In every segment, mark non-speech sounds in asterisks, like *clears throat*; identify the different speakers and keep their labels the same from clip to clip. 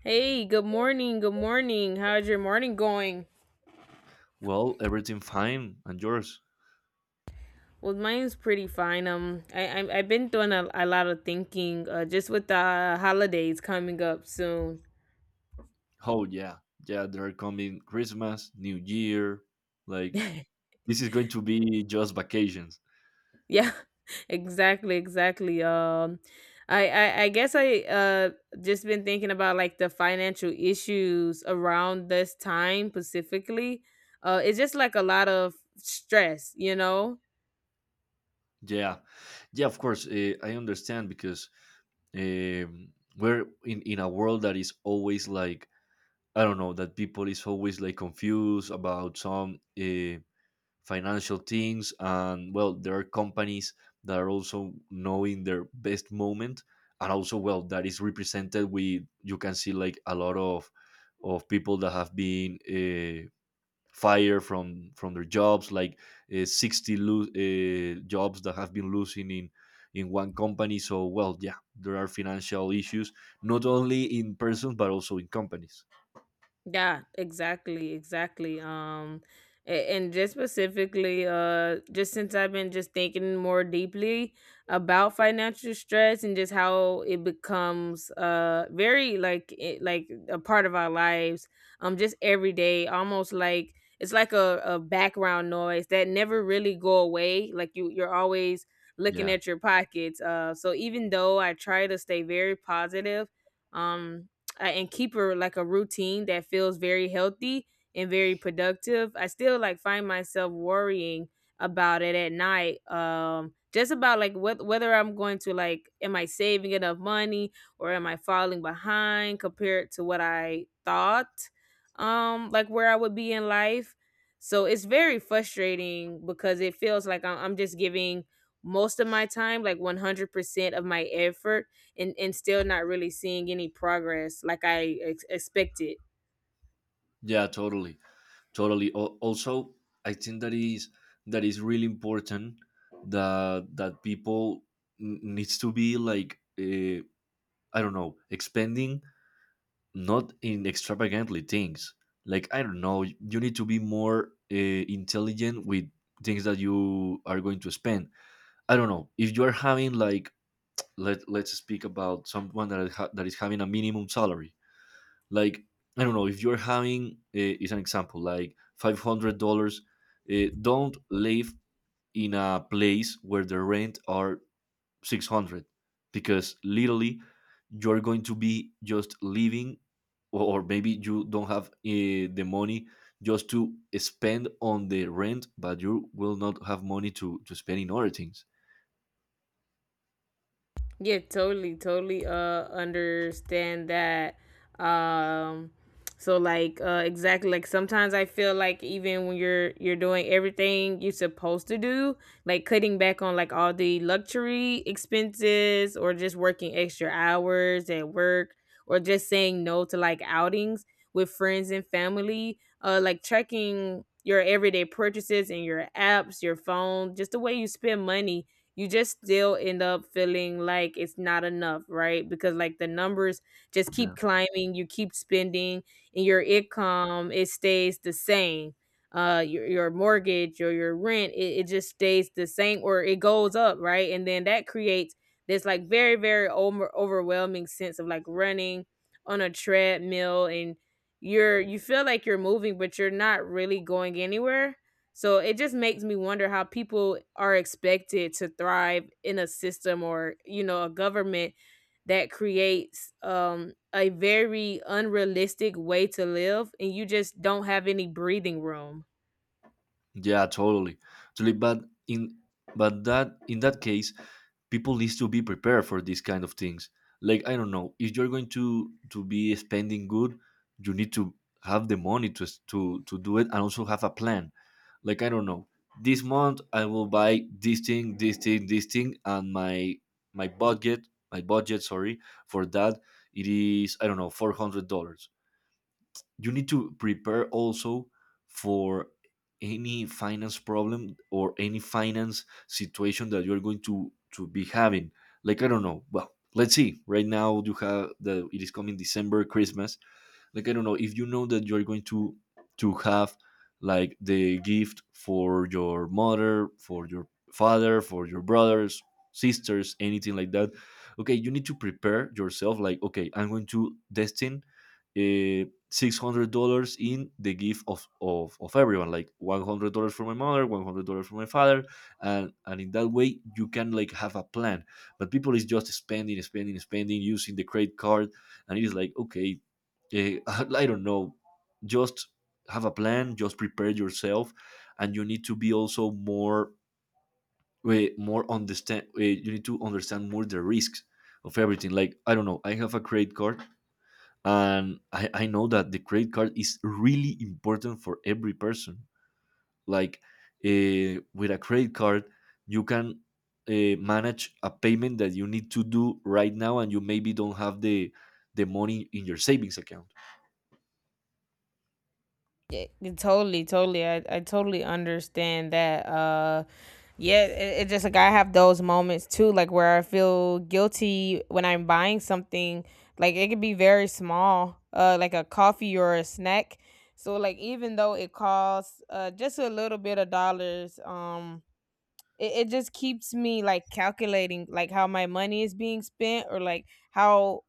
Speaker 1: Hey, good morning. Good morning. How's your morning going?
Speaker 2: Well, everything fine and yours?
Speaker 1: Well, mine's pretty fine. I've been doing a lot of thinking, just with the holidays coming up soon.
Speaker 2: Oh yeah, yeah. They're coming Christmas, New Year. Like
Speaker 1: *laughs*
Speaker 2: this is going to be just vacations.
Speaker 1: yeah, *laughs* exactly, exactly. I guess I just been thinking about like the financial issues around this time specifically. It's just like a lot of stress, you know.
Speaker 2: Yeah, yeah. Of course, I understand because um, we're in a world that is always like I don't know that people is always like confused about some financial things, and well there are companies that are also knowing their best moment, and also well that is represented with, you can see like a lot of people that have been fired from their jobs, like 60 jobs that have been losing in one company. So well yeah, there are financial issues not only in persons but also in companies.
Speaker 1: Yeah, exactly, exactly. And just specifically just since I've been just thinking more deeply about financial stress and just how it becomes very like it, like a part of our lives just every day almost like it's like a background noise that never really go away like you're always looking
Speaker 2: Yeah,
Speaker 1: at your pockets so even though I try to stay very positive um and keep a like a routine that feels very healthy and very productive. I still like find myself worrying about it at night, just about like what whether I'm going to like, am I saving enough money or am I falling behind compared to what I thought, like where I would be in life. So it's very frustrating because it feels like I'm just giving most of my time, like 100% of my effort, and still not really seeing any progress like I expected.
Speaker 2: yeah, totally, totally. Also, I think that is really important that people needs to be like I don't know, expanding, not in extravagantly things. Like I don't know, you need to be more intelligent with things that you are going to spend. I don't know, if you are having like, let's speak about someone that, that is having a minimum salary. Like I don't know, if you're having is an example like $500, don't live in a place where the rent are 600, because literally you're going to be just living. Or maybe you don't have the money just to spend on the rent, but you will not have money to spend in other things.
Speaker 1: Yeah, totally, totally understand that. Um so like exactly, like sometimes I feel like even when you're doing everything you're supposed to do, like cutting back on like all the luxury expenses or just working extra hours at work or just saying no to like outings with friends and family, like tracking your everyday purchases in your apps, your phone, just the way you spend money. You just still end up feeling like it's not enough, right? Because like the numbers just keep climbing, you keep spending, and your income, it stays the same. Your mortgage or your rent, it just stays the same or it goes up, right? And then that creates this like very overwhelming sense of like running on a treadmill, and you feel like you're moving but you're not really going anywhere. So it just makes me wonder how people are expected to thrive in a system or, you know, a government that creates a very unrealistic way to live and you just don't have any breathing room.
Speaker 2: Yeah, totally, totally. But in, but that, in that case, people needs to be prepared for these kind of things. Like I don't know, if you're going to be spending good, you need to have the money to to do it, and also have a plan. Like I don't know, this month I will buy this thing, this thing, this thing, and my, budget, sorry, for that, it is I don't know $400. You need to prepare also for any finance problem or any finance situation that you're going to be having. Like I don't know, well, let's see, right now you have the, it is coming December, Christmas. Like I don't know, if you know that you're going to have like the gift for your mother, for your father, for your brothers, sisters, anything like that, okay, you need to prepare yourself like, okay, I'm going to destine uh, $600 in the gift of, of everyone, like $100 for my mother, $100 for my father, and in that way you can like have a plan. But people is just spending, spending, spending, using the credit card, and it is like, okay, *laughs* I don't know, just have a plan, just prepare yourself, and you need to be also more, more understand. You need to understand more the risks of everything. Like I don't know, I have a credit card, and I know that the credit card is really important for every person. Like with a credit card, you can manage a payment that you need to do right now and you maybe don't have the money in your savings account.
Speaker 1: Yeah, totally, totally. I totally understand that. Yeah, it just like, I have those moments too, like where I feel guilty when I'm buying something. Like it could be very small, like a coffee or a snack. So like even though it costs just a little bit of dollars, it just keeps me like calculating like how my money is being spent, or like how,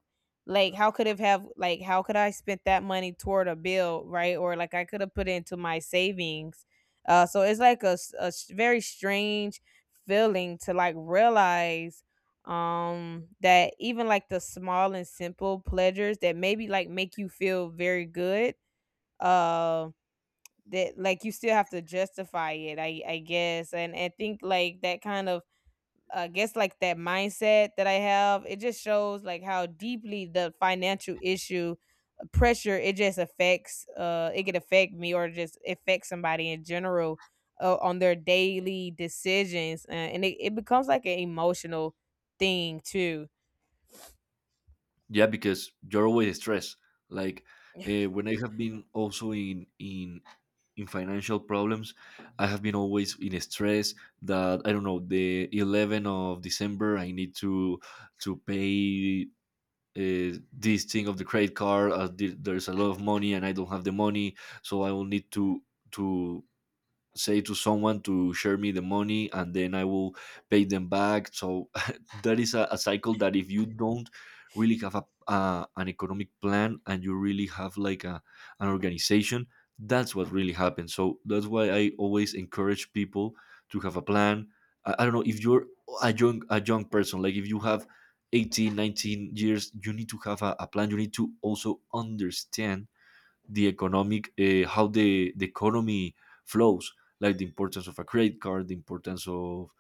Speaker 1: like how could it have like how could I spent that money toward a bill, right? Or like I could have put it into my savings. So it's like a very strange feeling to like realize that even like the small and simple pleasures that maybe like make you feel very good, uh that like you still have to justify it, I guess. And I think like that kind of, I guess, like that mindset that I have, it just shows like how deeply the financial issue pressure, it just affects, it could affect me or just affect somebody in general, on their daily decisions, and it becomes like an emotional thing too.
Speaker 2: Yeah, because you're always stressed. Like when I have been also in, in financial problems, I have been always in stress. That I don't know, the 11th of December I need to pay this thing of the credit card. There's a lot of money, and I don't have the money, so I will need to to say to someone to share me the money and then I will pay them back. So *laughs* that is a cycle that if you don't really have a, an economic plan, and you really have like a, an organization, that's what really happens. So that's why I always encourage people to have a plan. I don't know if you're a young person, like if you have 18, 19 years, you need to have a plan. You need to also understand the economic, how the economy flows, like the importance of a credit card, the importance of,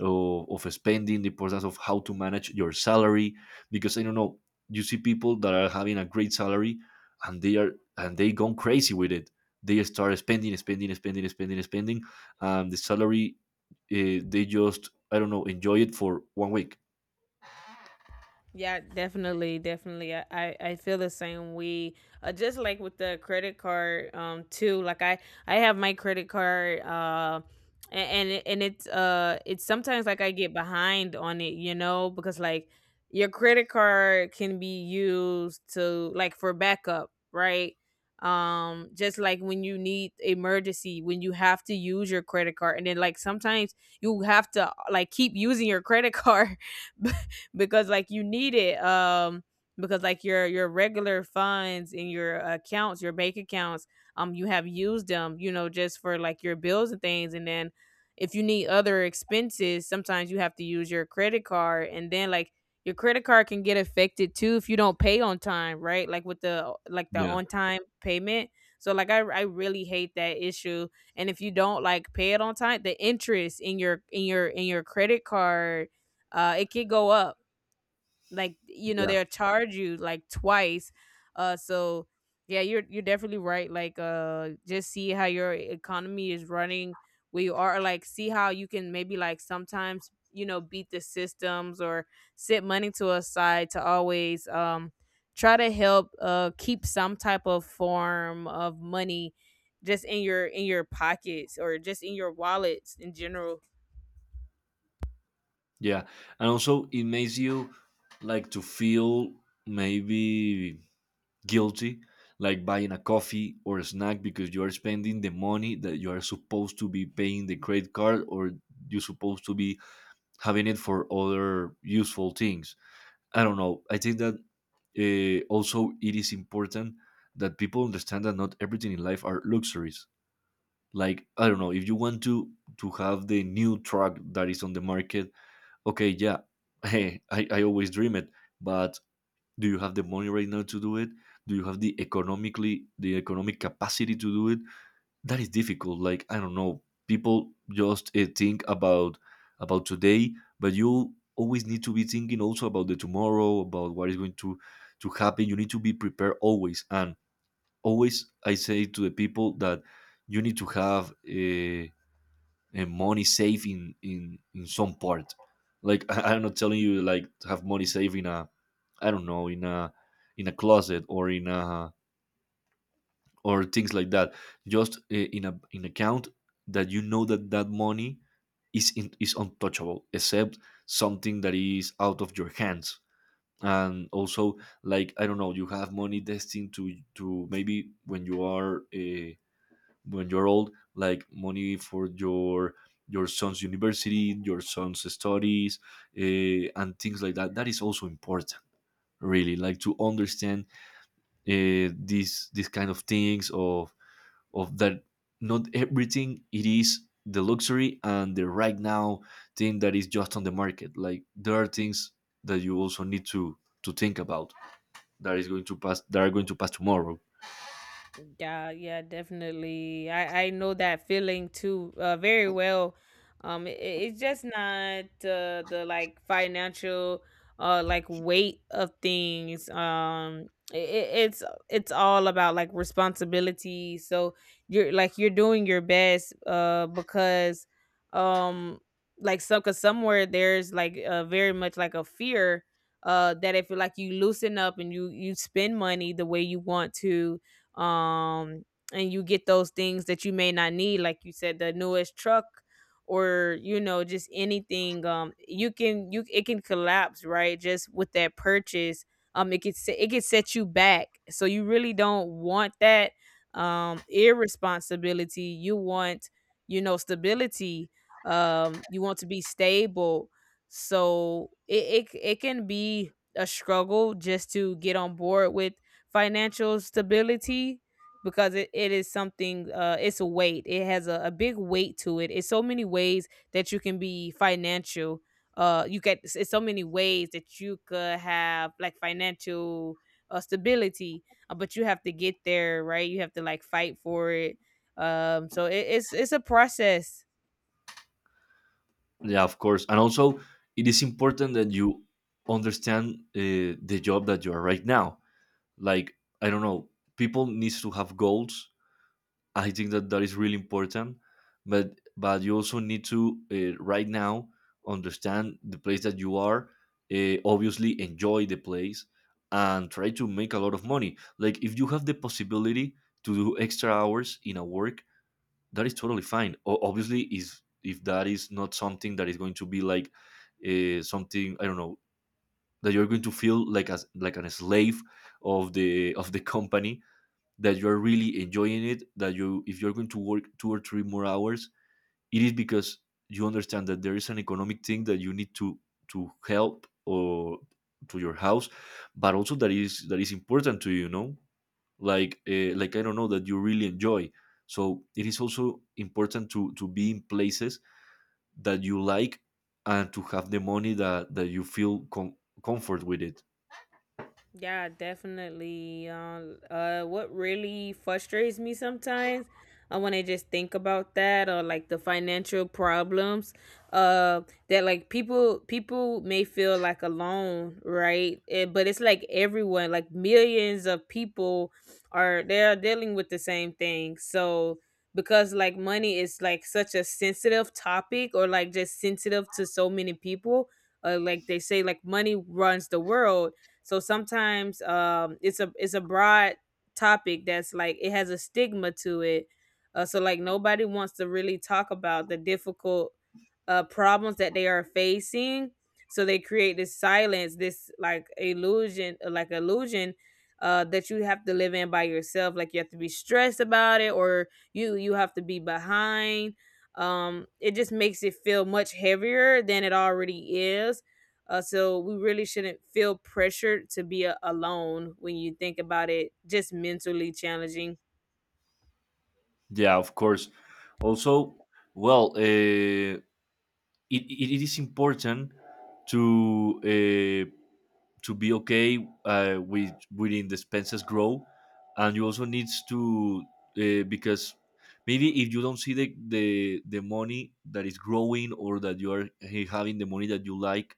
Speaker 2: of spending, the importance of how to manage your salary. Because I don't know, you see people that are having a great salary, and they are, and they gone crazy with it. They start spending, spending, spending, spending, spending, and the salary, they just I don't know, enjoy it for one week.
Speaker 1: Yeah, definitely, definitely. I feel the same way. Just like with the credit card, too. Like I have my credit card, and it's sometimes like I get behind on it, you know, because like your credit card can be used to like for backup, right? Just like when you need emergency, when you have to use your credit card, and then like sometimes you have to like keep using your credit card *laughs* because like you need it, because like your regular funds in your accounts, your bank accounts, you have used them, you know, just for like your bills and things. And then if you need other expenses, sometimes you have to use your credit card, and then like your credit card can get affected too if you don't pay on time, right? Like with the like the
Speaker 2: Yeah,
Speaker 1: on time payment. So like I really hate that issue. And if you don't like pay it on time, the interest in your credit card, it can go up, like you know,
Speaker 2: yeah,
Speaker 1: they'll charge you like twice. So yeah, you're definitely right. Like just see how your economy is running where you are. Like see how you can, maybe like sometimes, you know, beat the systems, or set money to a side to always try to help keep some type of form of money just in your pockets or just in your wallets in general.
Speaker 2: yeah. And also, it makes you like to feel, maybe, guilty, like buying a coffee or a snack, because you are spending the money that you are supposed to be paying the credit card, or you're supposed to be having it for other useful things. I don't know, I think that also it is important that people understand that not everything in life are luxuries. Like I don't know, if you want to have the new truck that is on the market, okay, yeah. *laughs* Hey, I always dream it, but do you have the money right now to do it? Do you have the economically, the economic capacity to do it? That is difficult. Like I don't know, people just think about, today, but you always need to be thinking also about the tomorrow, about what is going to happen. You need to be prepared always, and always I say to the people that you need to have money saving in some part. Like *laughs* I'm not telling you like to have money saved in a, I don't know, in a, in a closet, or in a, or things like that. Just in a, in account that you know that money is in, is untouchable, except something that is out of your hands. And also, like I don't know, you have money destined to maybe, when you are, when you're old, like money for your, son's university, your son's studies, uh, and things like that. That is also important. Really like to understand these, kind of things, of that not everything it is the luxury and the right now thing that is just on the market. Like there are things that you also need to think about, that is going to pass, that are going to pass tomorrow.
Speaker 1: Yeah, yeah, definitely. I know that feeling too, very well. It's just not the like financial like weight of things. It it's it's all about like responsibility. So you're like you're doing your best, because um like so cause somewhere there's like very much like a fear, that if like you loosen up and you spend money the way you want to, um and you get those things that you may not need, like you said, the newest truck or you know, just anything, you can, you it can collapse, right, just with that purchase, it could it could set you back. So you really don't want that, irresponsibility. You want, you know, stability, you want to be stable. So it can be a struggle just to get on board with financial stability, because it is something, it's a weight, it has a big weight to it. It's so many ways that you can be financial, you get it's so many ways that you could have like financial stability, but you have to get there, right? You have to like fight for it, so it's a process.
Speaker 2: Yeah, of course. And also, it is important that you understand the job that you are right now. Like, I don't know, people needs to have goals. I think that is really important. But you also need to, right now, understand the place that you are. Obviously, enjoy the place and try to make a lot of money. Like, if you have the possibility to do extra hours in a work, that is totally fine. Obviously, is if that is not something that is going to be like something, I don't know, that you're going to feel like as like an slave of the company, that you are really enjoying it. That you, if you're going to work 2 or 3 more hours, it is because you understand that there is an economic thing that you need to help, or to your house, but also that is, that is important to you, you know? Like like I don't know that you really enjoy. So it is also important to be in places that you like, and to have the money that you feel comfort with it.
Speaker 1: Yeah, definitely. What really frustrates me sometimes, when I just think about that, or like the financial problems, uh, that like people may feel like alone, right? Eh, but it's like everyone, like millions of people, are they're dealing with the same thing. So because like money is like such a sensitive topic, or like just sensitive to so many people, like they say, like money runs the world. So sometimes it's a broad topic that's like, it has a stigma to it. So like nobody wants to really talk about the difficult problems that they are facing. So they create this silence, this like illusion, illusion, that you have to live in by yourself. Like you have to be stressed about it, or you have to be behind. It just makes it feel much heavier than it already is. So we really shouldn't feel pressured to be alone when you think about it. Just mentally challenging.
Speaker 2: Yeah, of course. Also, well, it, it is important to, to be okay with, within the expenses grow, and you also needs to, because maybe if you don't see the, the money that is growing, or that you are, having the money that you like,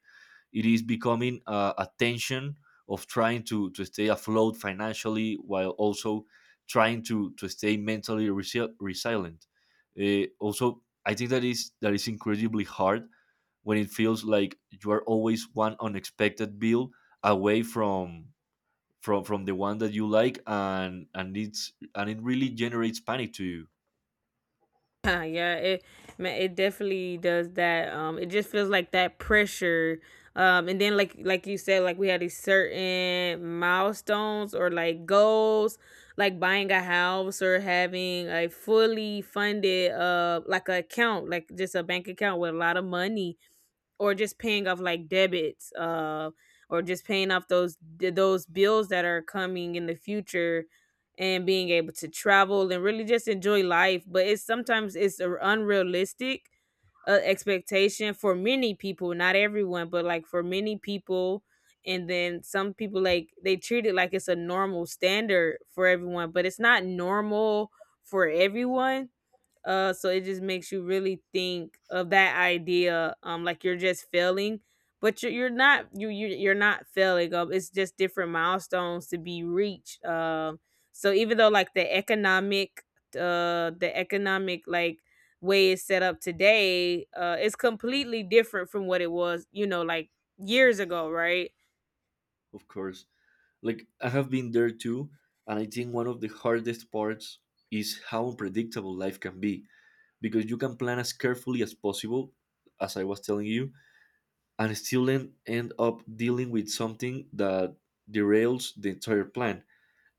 Speaker 2: it is becoming a tension of trying to stay afloat financially while also trying to stay mentally, resilient. I think that is incredibly hard when it feels like you are always one unexpected bill away from the one that you like and it really generates panic to you.
Speaker 1: *laughs* yeah, it man, it definitely does that. It just feels like that pressure. And then like you said, like we had these certain milestones or like goals, like buying a house or having a fully funded like a account, like just a bank account with a lot of money, or just paying off like debits or just paying off those bills that are coming in the future, and being able to travel and really just enjoy life. But it's sometimes it's a unrealistic expectation for many people, not everyone, but like for many people. And then some people like they treat it like it's a normal standard for everyone, but it's not normal for everyone. So it just makes you really think of that idea, like you're just failing, but you're not, you you're not failing. It's just different milestones to be reached. So even though like the economic like way it's set up today, it's completely different from what it was, you know, like years ago, right?
Speaker 2: Of course, like I have been there too, and I think one of the hardest parts is how unpredictable life can be, because you can plan as carefully as possible, as I was telling you, and still end up dealing with something that derails the entire plan.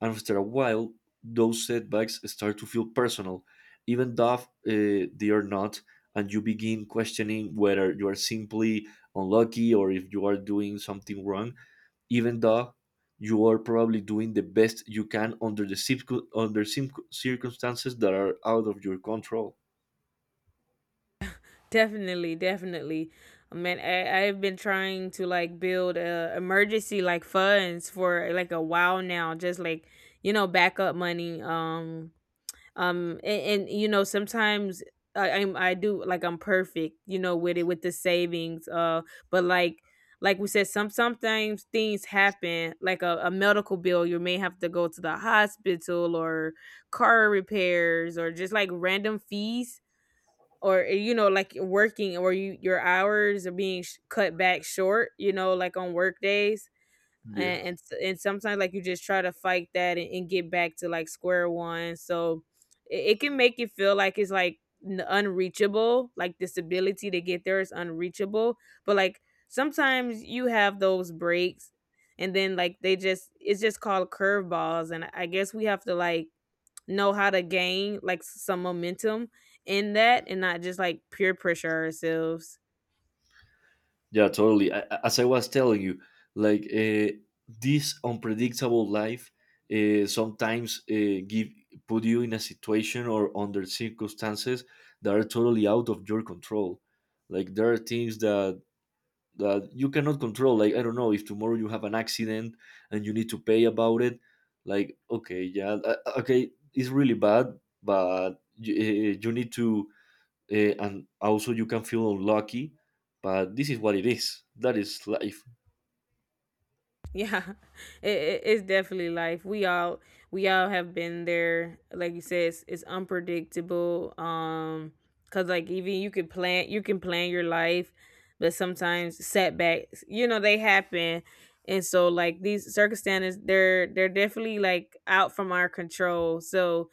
Speaker 2: And after a while, those setbacks start to feel personal, even though they are not, and you begin questioning whether you are simply unlucky or if you are doing something wrong, even though you are probably doing the best you can under the circumstances that are out of your control.
Speaker 1: Definitely, definitely. I mean, I've been trying to like build a emergency like funds for like a while now, just like you know, backup money. And you know, sometimes I'm, I do like I'm perfect, you know, with it, with the savings. But like we said, sometimes things happen, like a medical bill. You may have to go to the hospital, or car repairs, or just like random fees, or like working, or your hours are being cut back short, you know, like on work days.
Speaker 2: Yeah.
Speaker 1: And sometimes like you just try to fight that and get back to like square one, so it can make you feel like it's like unreachable, like this ability to get there is unreachable. But like sometimes you have those breaks, and then like they just it's just called curveballs, and I guess we have to like know how to gain like some momentum in that, and not just like peer pressure ourselves.
Speaker 2: Yeah, totally. As I was telling you, like this unpredictable life, sometimes give put you in a situation or under circumstances that are totally out of your control. Like there are things that you cannot control. Like I don't know, if tomorrow you have an accident and you need to pay about it. Like okay, yeah, okay, it's really bad, but you, you need to, and also you can feel unlucky, but this is what it is, that is life.
Speaker 1: Yeah, *laughs* it's definitely life. We all have been there, like you said. It's unpredictable. Because like even you can plan your life, but sometimes setbacks, you know, they happen. And so like these circumstances, they're definitely like out from our control. so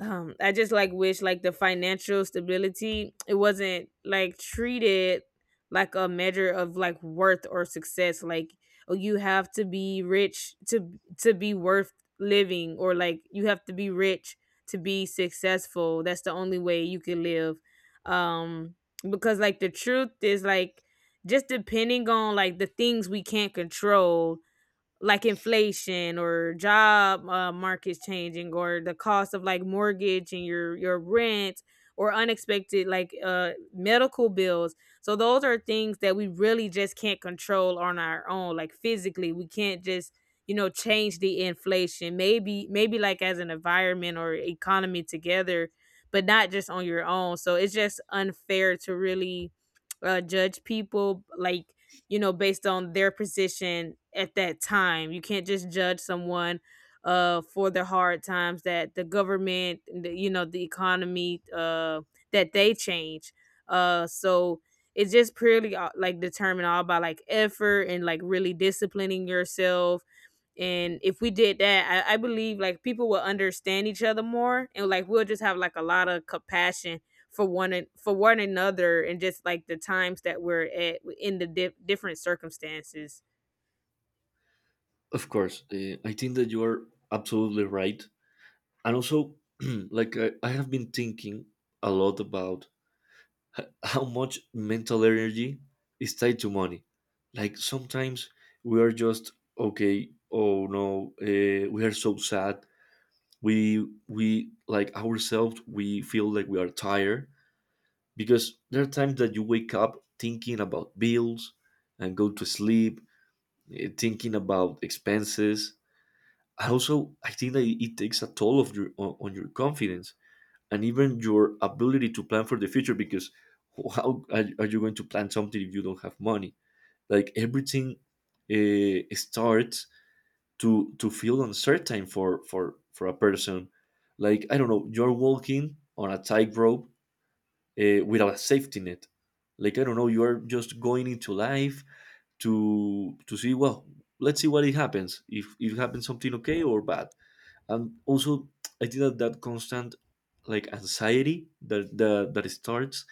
Speaker 1: um i just like wish like the financial stability, it wasn't like treated like a measure of like worth or success, like, oh, you have to be rich to be worth living, or like you have to be rich to be successful, that's the only way you can live. Um because like the truth is like, just depending on like the things we can't control, like inflation, or job markets changing, or the cost of like mortgage and your rent, or unexpected, like, medical bills. So those are things that we really just can't control on our own. Like physically we can't just, you know, change the inflation. Maybe like as an environment or economy together, but not just on your own. So it's just unfair to really judge people like, you know, based on their position at that time. You can't just judge someone for the hard times that the government, the economy, that they change. So it's just purely like determined all by like effort and like really disciplining yourself. And if we did that, I believe like people will understand each other more, and like we'll just have like a lot of compassion for one another, and just like the times that we're at in the different circumstances.
Speaker 2: Of course, I think that you are absolutely right. And also, *clears throat* like I have been thinking a lot about how much mental energy is tied to money. Like sometimes we are just okay, oh no, we are so sad, we like ourselves, we feel like we are tired, because there are times that you wake up thinking about bills and go to sleep thinking about expenses. And also I think that it takes a toll of your on your confidence and even your ability to plan for the future, because how are you, are you going to plan something if you don't have money? Like everything starts to feel uncertain for a person. Like I don't know, you're walking on a tightrope without a safety net. Like I don't know, you are just going into life to see, well, let's see what it happens. If it happens something okay or bad. And also I think that that constant like anxiety that that starts,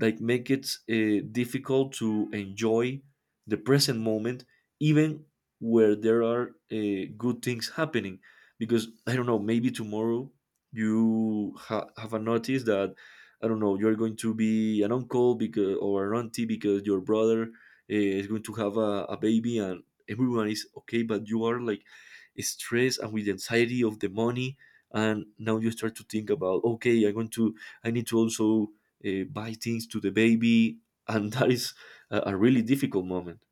Speaker 2: like make it difficult to enjoy the present moment, even where there are good things happening. Because I don't know, maybe tomorrow you have a notice that, I don't know, you're going to be an uncle, because, or an auntie, because your brother is going to have a baby, and everyone is okay, but you are like stressed and with anxiety of the money. And now you start to think about, okay, I'm going to, I need to also buy things to the baby, *laughs* and that is a really difficult moment.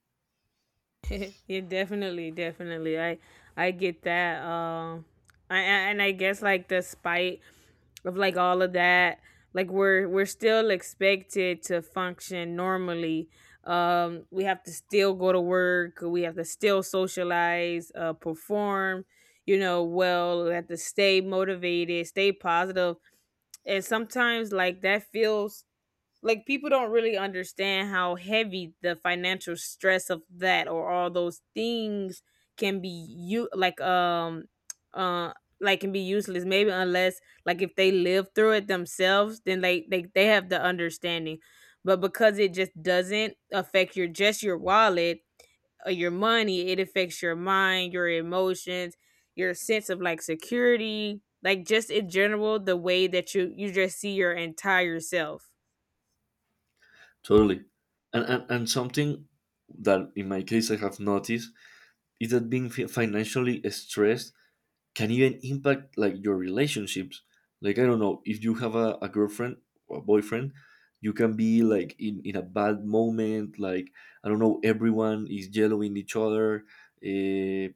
Speaker 1: *laughs* Yeah, definitely, definitely. I get that. I guess like the spite of like all of that, like we're still expected to function normally. We have to still go to work. We have to still socialize, perform. You know, well, we have to stay motivated, stay positive, and sometimes like that feels like people don't really understand how heavy the financial stress of that or all those things can be. You uh like can be useless maybe, unless like if they live through it themselves, then they have the understanding. But because it just doesn't affect your, just your wallet or your money, it affects your mind, your emotions, your sense of like security, like just in general the way that you just see your entire self.
Speaker 2: Totally. And something that in my case I have noticed is that being financially stressed can even impact like your relationships. Like I don't know, if you have a girlfriend or a boyfriend, you can be like in a bad moment, like, I don't know, everyone is yellowing each other, uh,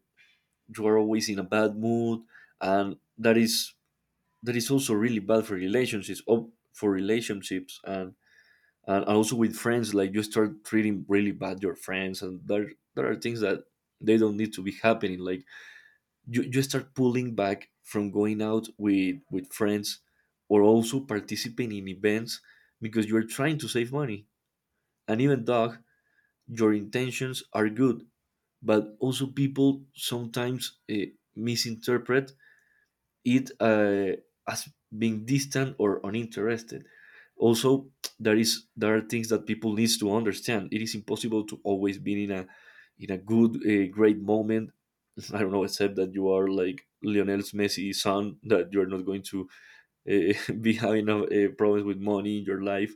Speaker 2: you are always in a bad mood, and that is, that is also really bad for relationships, oh, for relationships. And also with friends, like you start treating really bad your friends, and there are things that they don't need to be happening. Like you start pulling back from going out with friends or also participating in events because you're trying to save money. And even though your intentions are good, but also people sometimes misinterpret it as being distant or uninterested. Also, there is, there are things that people needs to understand. It is impossible to always be in a, in a good great moment. *laughs* I don't know, except that you are like Lionel Messi's son, that you are not going to *laughs* be having a problems with money in your life,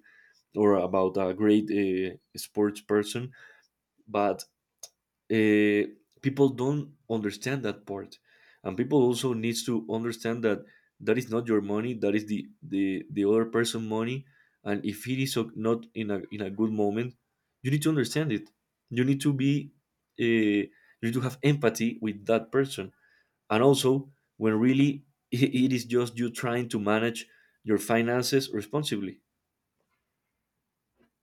Speaker 2: or about a great sports person. But uh, people don't understand that part, and people also needs to understand that that is not your money, that is the other person money. And if it is not in a, in a good moment, you need to understand it, you need to be, uh, you need to have empathy with that person, and also when really *laughs* it is just you trying to manage your finances responsibly.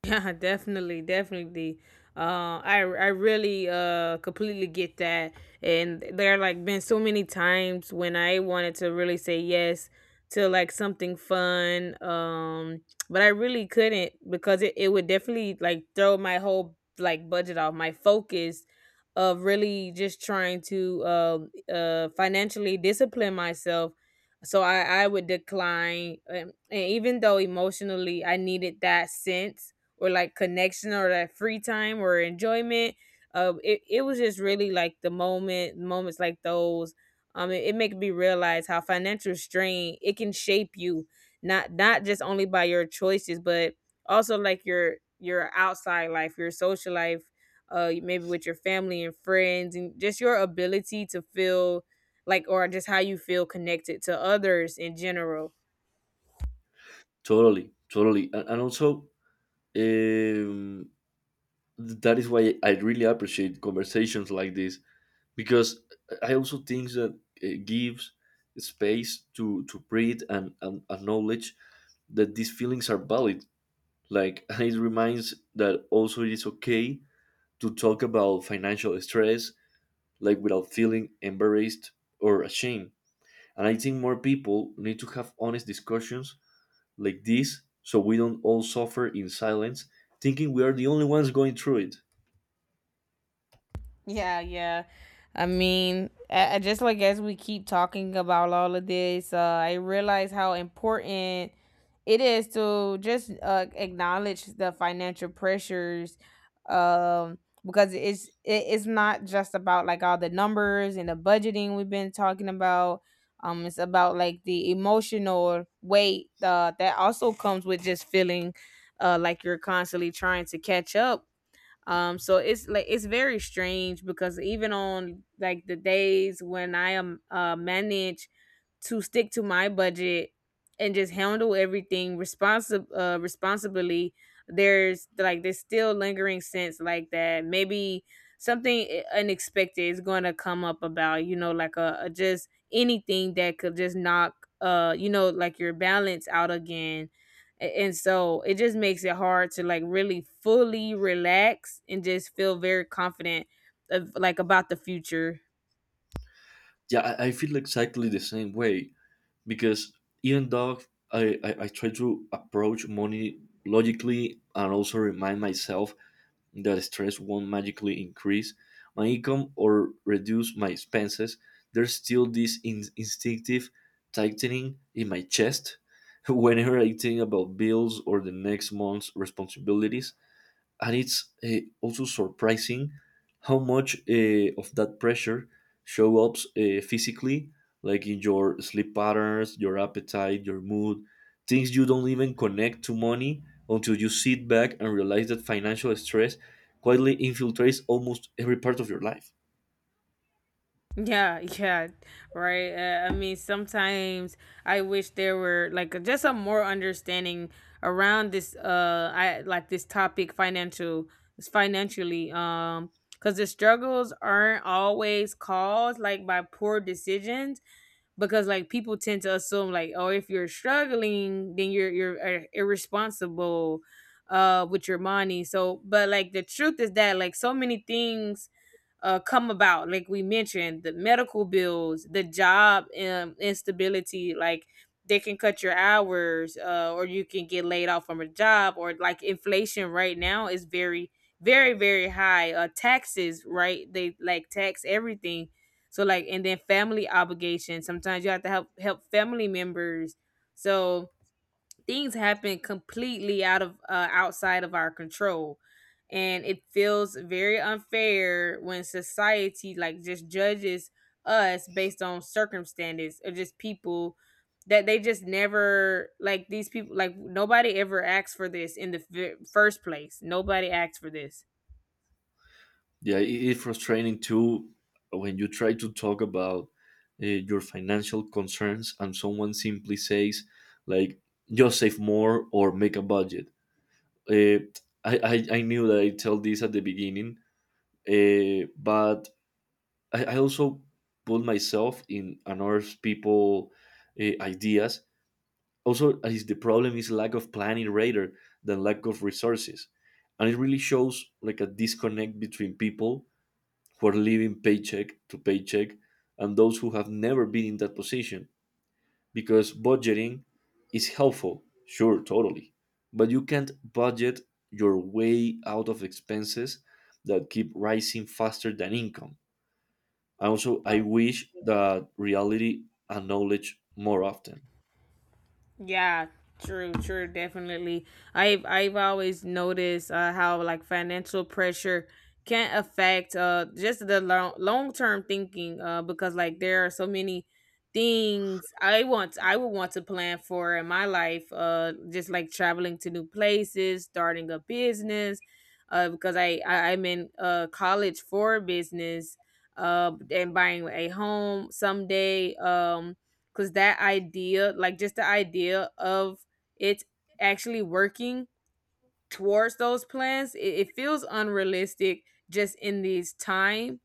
Speaker 1: Yeah, *laughs* definitely, definitely. I really completely get that, and there like been so many times when I wanted to really say yes to like something fun, but I really couldn't because it would definitely like throw my whole like budget off, my focus of really just trying to financially discipline myself. So I would decline, and even though emotionally I needed that sense, or like connection, or that free time or enjoyment. It was just really like moments like those. It make me realize how financial strain it can shape you, not just only by your choices, but also like your outside life, your social life, maybe with your family and friends, and just your ability to feel like, or just how you feel connected to others in general.
Speaker 2: Totally, totally. And also, um, that is why I really appreciate conversations like this, because I also think that it gives space to breathe and acknowledge that these feelings are valid. Like *laughs* it reminds that also it is okay to talk about financial stress, like without feeling embarrassed or ashamed. And I think more people need to have honest discussions like this, so we don't all suffer in silence, thinking we are the only ones going through it.
Speaker 1: Yeah, yeah. I mean, just like as we keep talking about all of this, I realize how important it is to just acknowledge the financial pressures, um, because it's not just about like all the numbers and the budgeting we've been talking about. It's about like the emotional weight that also comes with just feeling like you're constantly trying to catch up. So it's like it's very strange because even on like the days when I am manage to stick to my budget and just handle everything responsibly, there's like this still lingering sense like that maybe something unexpected is going to come up about, you know, like a just anything that could just knock, you know, like your balance out again. And so it just makes it hard to like really fully relax and just feel very confident of like about the future.
Speaker 2: Yeah, I feel exactly the same way. Because even though, I try to approach money logically and also remind myself that stress won't magically increase my income or reduce my expenses, there's still this instinctive tightening in my chest *laughs* whenever I think about bills or the next month's responsibilities. And it's also surprising how much of that pressure show up physically, like in your sleep patterns, your appetite, your mood, things you don't even connect to money, until you sit back and realize that financial stress quietly infiltrates almost every part of your life.
Speaker 1: Yeah, yeah, right. I mean, sometimes I wish there were like just a more understanding around this, I like this topic, financially, cuz the struggles aren't always caused like by poor decisions, because like people tend to assume like, oh, if you're struggling then you're irresponsible with your money. So but like the truth is that like so many things come about. Like we mentioned, the medical bills, the job instability, like they can cut your hours, or you can get laid off from a job, or like inflation right now is very, very, very high. Taxes, right, they like tax everything. So like, and then family obligations. Sometimes you have to help family members. So things happen completely outside of our control. And it feels very unfair when society like just judges us based on circumstances, or just people that they just never, like these people, like nobody ever asked for this in the first place. Nobody asked for this.
Speaker 2: Yeah, it- it's frustrating too when you try to talk about your financial concerns and someone simply says, like, just save more or make a budget. Uh, I knew that I tell this at the beginning, but I also put myself in another people ideas. Also, is the problem is lack of planning rather than lack of resources, and it really shows like a disconnect between people who are living paycheck to paycheck and those who have never been in that position. Because budgeting is helpful, sure, totally, but you can't budget your way out of expenses that keep rising faster than income. And also, I wish that reality acknowledged more often.
Speaker 1: Yeah, true, true, definitely. I've always noticed how like financial pressure can affect, just the long term thinking, because like there are so many things I would want to plan for in my life, just like traveling to new places, starting a business, because I'm in college for business, and buying a home someday. Because that idea, like just the idea of it actually working towards those plans, it feels unrealistic, just in these time,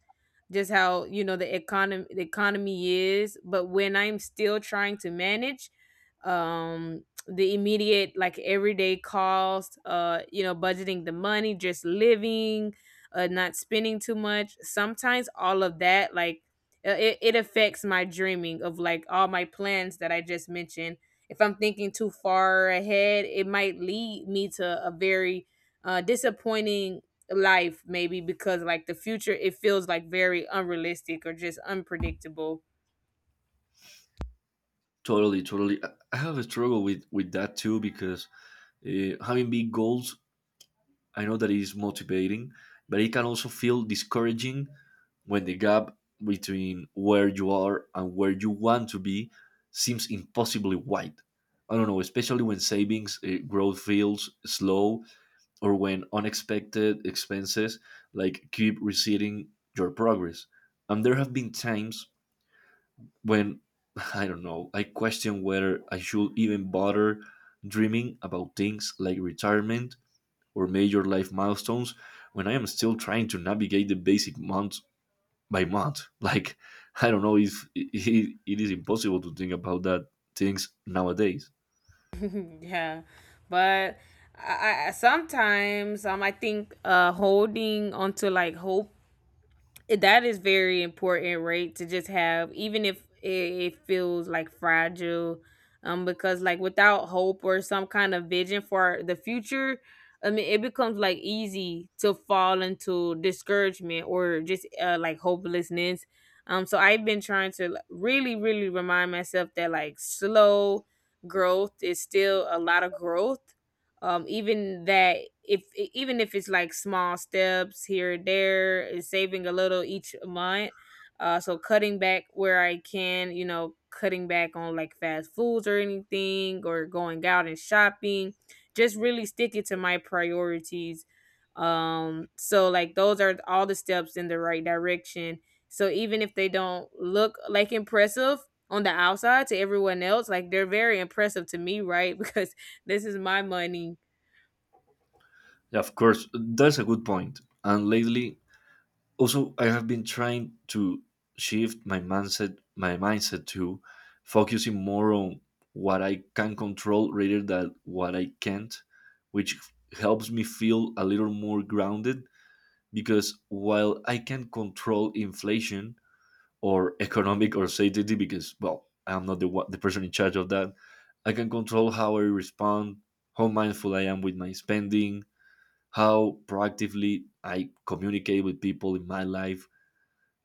Speaker 1: just how, you know, the economy is. But when I'm still trying to manage, the immediate like everyday cost, you know, budgeting the money, just living, not spending too much, sometimes all of that, like, it affects my dreaming of like all my plans that I just mentioned. If I'm thinking too far ahead, it might lead me to a very disappointing life maybe, because like the future, it feels like very unrealistic or just unpredictable.
Speaker 2: Totally, totally. I have a struggle with that too, because having big goals, I know that it is motivating, but it can also feel discouraging when the gap between where you are and where you want to be seems impossibly wide. I don't know, especially when savings growth feels slow, or when unexpected expenses like keep receding your progress. And there have been times when *laughs* I don't know, I question whether I should even bother dreaming about things like retirement or major life milestones when I am still trying to navigate the basic month by month. *laughs* Like, I don't know if it, it is impossible to think about that things nowadays.
Speaker 1: *laughs* Yeah, but I sometimes, I think, holding onto like hope, that is very important, right, to just have, even if it feels like fragile, because like without hope or some kind of vision for the future, I mean it becomes like easy to fall into discouragement, or just like hopelessness. So I've been trying to like really, really remind myself that like slow growth is still a lot of growth, even that, if e- even if it's like small steps here and there, is saving a little each month, so cutting back where I can, you know, cutting back on like fast foods or anything, or going out and shopping, just really sticking to my priorities. So like those are all the steps in the right direction, so even if they don't look like impressive on the outside to everyone else, like they're very impressive to me, right? *laughs* Because this is my money.
Speaker 2: Yeah, of course, that's a good point. And lately, also, I have been trying to shift my mindset to focusing more on what I can control rather than what I can't, which helps me feel a little more grounded. Because while I can control inflation or economic or safety, because well I'm not the one, the person in charge of that, I can control how I respond, how mindful I am with my spending, how proactively I communicate with people in my life.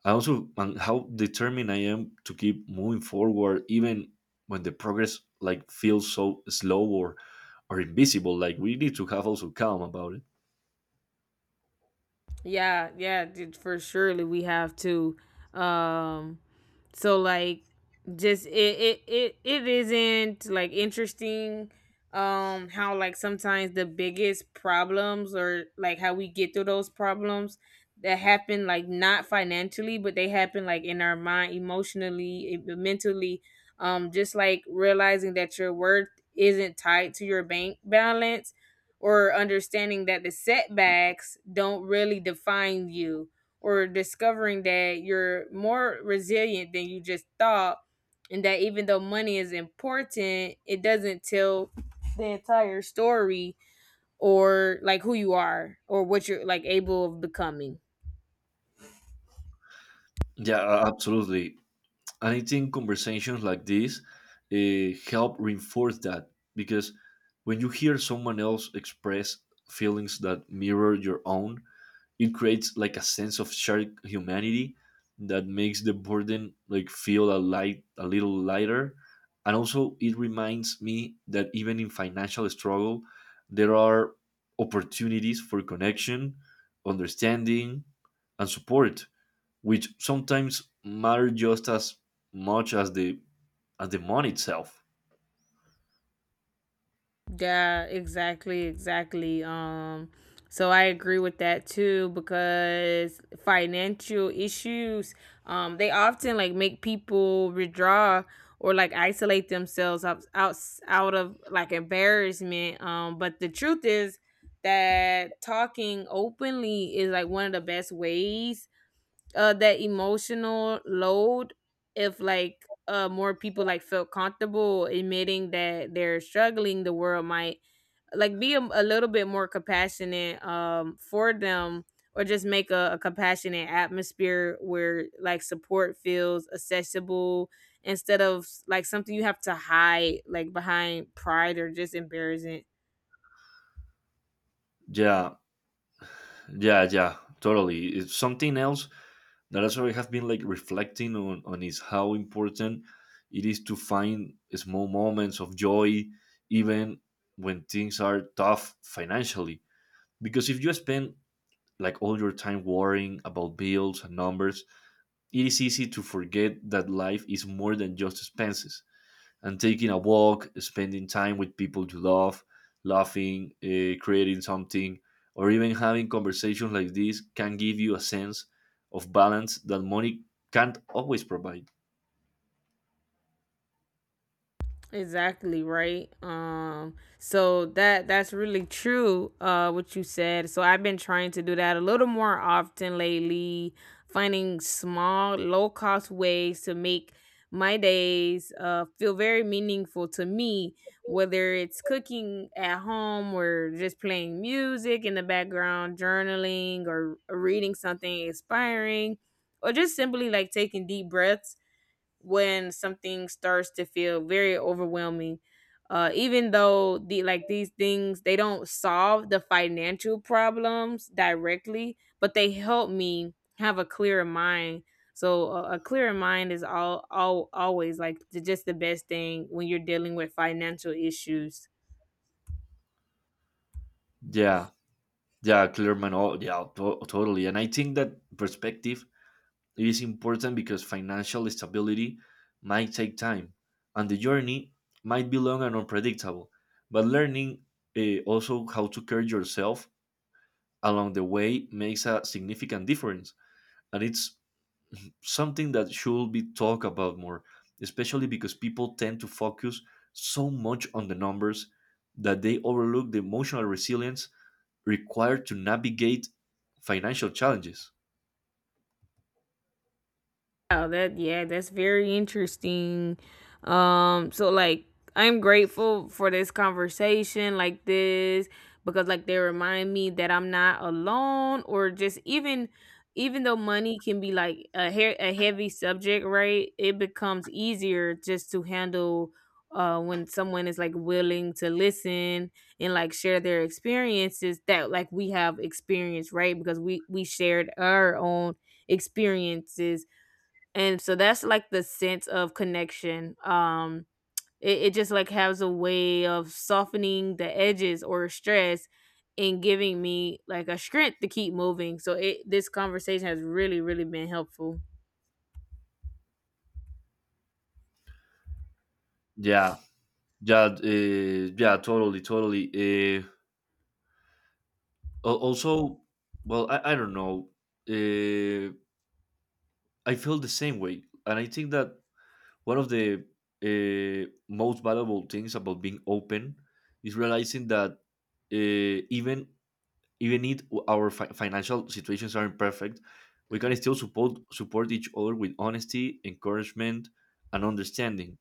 Speaker 2: I also and how determined I am to keep moving forward, even when the progress like feels so slow or invisible. Like we need to have also calm about it.
Speaker 1: Yeah, yeah, for surely we have to. Um so like, just it isn't like interesting, how like sometimes the biggest problems, or like how we get through those problems, that happen like not financially, but they happen like in our mind, emotionally, mentally. Just like realizing that your worth isn't tied to your bank balance, or understanding that the setbacks don't really define you, or discovering that you're more resilient than you just thought, and that even though money is important, it doesn't tell the entire story, or like who you are or what you're like able of becoming.
Speaker 2: Yeah, absolutely. And I think conversations like this help reinforce that, because when you hear someone else express feelings that mirror your own, it creates like a sense of shared humanity that makes the burden like feel a light, a little lighter. And also it reminds me that even in financial struggle, there are opportunities for connection, understanding, and support, which sometimes matter just as much as the, as the money itself.
Speaker 1: Yeah, exactly, exactly. So I agree with that too because financial issues, they often like make people withdraw or like isolate themselves out of like embarrassment. But the truth is that talking openly is like one of the best ways that emotional load if like more people like felt comfortable admitting that they're struggling the world might like be a little bit more compassionate for them, or just make a compassionate atmosphere where like support feels accessible instead of like something you have to hide like behind pride or just embarrassment.
Speaker 2: Yeah, yeah, yeah, totally. It's something else that also I have been like reflecting on is how important it is to find small moments of joy, even when things are tough financially. Because if you spend like all your time worrying about bills and numbers, it is easy to forget that life is more than just expenses. And taking a walk, spending time with people you love, laughing, creating something, or even having conversations like this can give you a sense of balance that money can't always provide.
Speaker 1: Exactly right. So that's really true. What you said. So I've been trying to do that a little more often lately, finding small, low cost ways to make my days feel very meaningful to me. Whether it's cooking at home or just playing music in the background, journaling or reading something inspiring, or just simply like taking deep breaths when something starts to feel very overwhelming. Even though the like these things they don't solve the financial problems directly, but they help me have a clearer mind. So a clearer mind is all always like the, just the best thing when you're dealing with financial issues.
Speaker 2: Yeah, yeah, Clearman. Oh, yeah, to- totally. And I think that perspective is important, because financial stability might take time, and the journey might be long and unpredictable. But learning also how to care yourself along the way makes a significant difference. And it's something that should be talked about more, especially because people tend to focus so much on the numbers that they overlook the emotional resilience required to navigate financial challenges.
Speaker 1: Wow, that, yeah, that's very interesting. So like I'm grateful for this conversation like this because like they remind me that I'm not alone, or just even even though money can be like a heavy subject, right? It becomes easier just to handle when someone is like willing to listen and like share their experiences that like we have experienced, right? Because we shared our own experiences, and so that's like the sense of connection. Um it, it just like has a way of softening the edges or stress and giving me like a strength to keep moving, so it this conversation has really really been helpful.
Speaker 2: Yeah, yeah, yeah, totally, totally. Uh, al- also, well, I don't know. Uh, I feel the same way. And I think that one of the most valuable things about being open is realizing that, uh, even even if our financial situations aren't perfect, we can still support each other with honesty, encouragement, and understanding.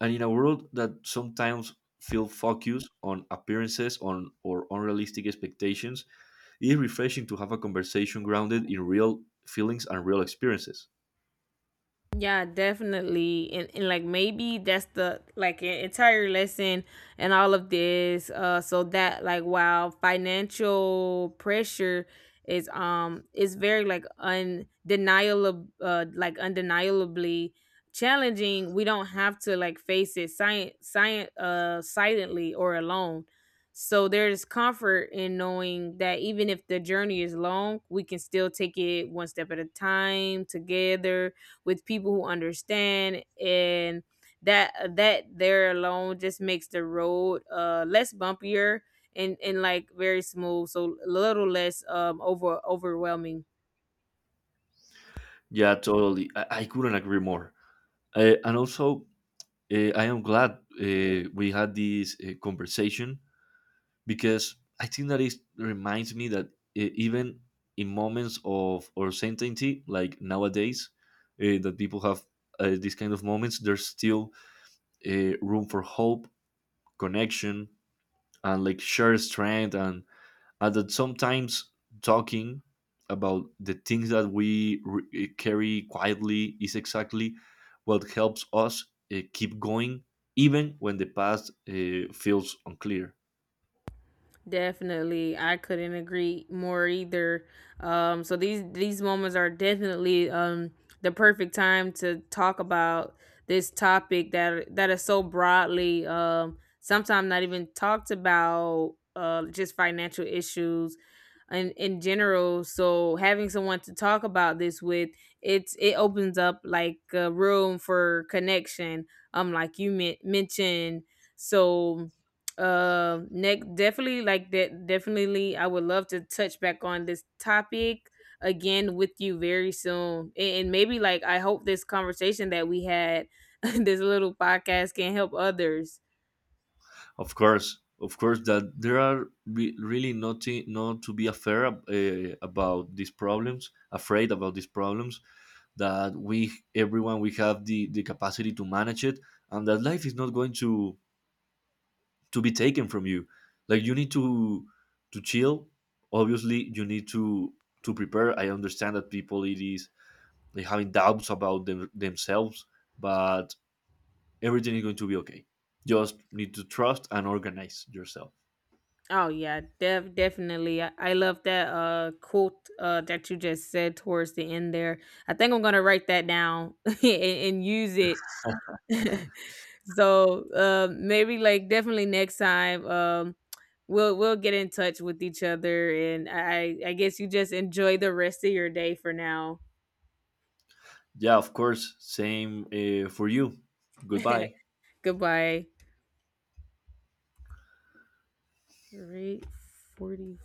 Speaker 2: And in a world that sometimes feel focused on appearances on or unrealistic expectations, it is refreshing to have a conversation grounded in real feelings and real experiences.
Speaker 1: Yeah, definitely. And like maybe that's the like entire lesson and all of this. So that like while financial pressure is very like undeniable like undeniably challenging, we don't have to like face it science science silently or alone. So there's comfort in knowing that even if the journey is long, we can still take it one step at a time together with people who understand, and that that there alone just makes the road less bumpier and like very smooth, so a little less overwhelming.
Speaker 2: Yeah, totally. I couldn't agree more. And also, I am glad we had this conversation, because I think that it reminds me that, even in moments of uncertainty, like nowadays, that people have these kind of moments, there's still room for hope, connection, and like shared strength. And that sometimes talking about the things that we carry quietly is exactly what helps us keep going, even when the past feels unclear.
Speaker 1: Definitely, I couldn't agree more either. So these moments are definitely the perfect time to talk about this topic that is so broadly sometimes not even talked about, just financial issues in general. So having someone to talk about this with, it's it opens up like a room for connection. Like you mentioned, so next definitely like that definitely I would love to touch back on this topic again with you very soon. And maybe like I hope this conversation that we had *laughs* this little podcast can help others.
Speaker 2: Of course, that there are really nothing not to be afraid afraid about these problems. That we, everyone, we have the capacity to manage it, and that life is not going to be taken from you. Like you need to chill. Obviously you need to prepare. I understand that people it is they having doubts about themselves, but everything is going to be okay. Just need to trust and organize yourself.
Speaker 1: Oh yeah, definitely. I love that quote that you just said towards the end there. I think I'm gonna write that down *laughs* and use it. *laughs* So maybe like definitely next time we'll get in touch with each other, and I guess you just enjoy the rest of your day for now.
Speaker 2: Yeah, of course, same for you. Goodbye.
Speaker 1: *laughs* Goodbye. All right, 40.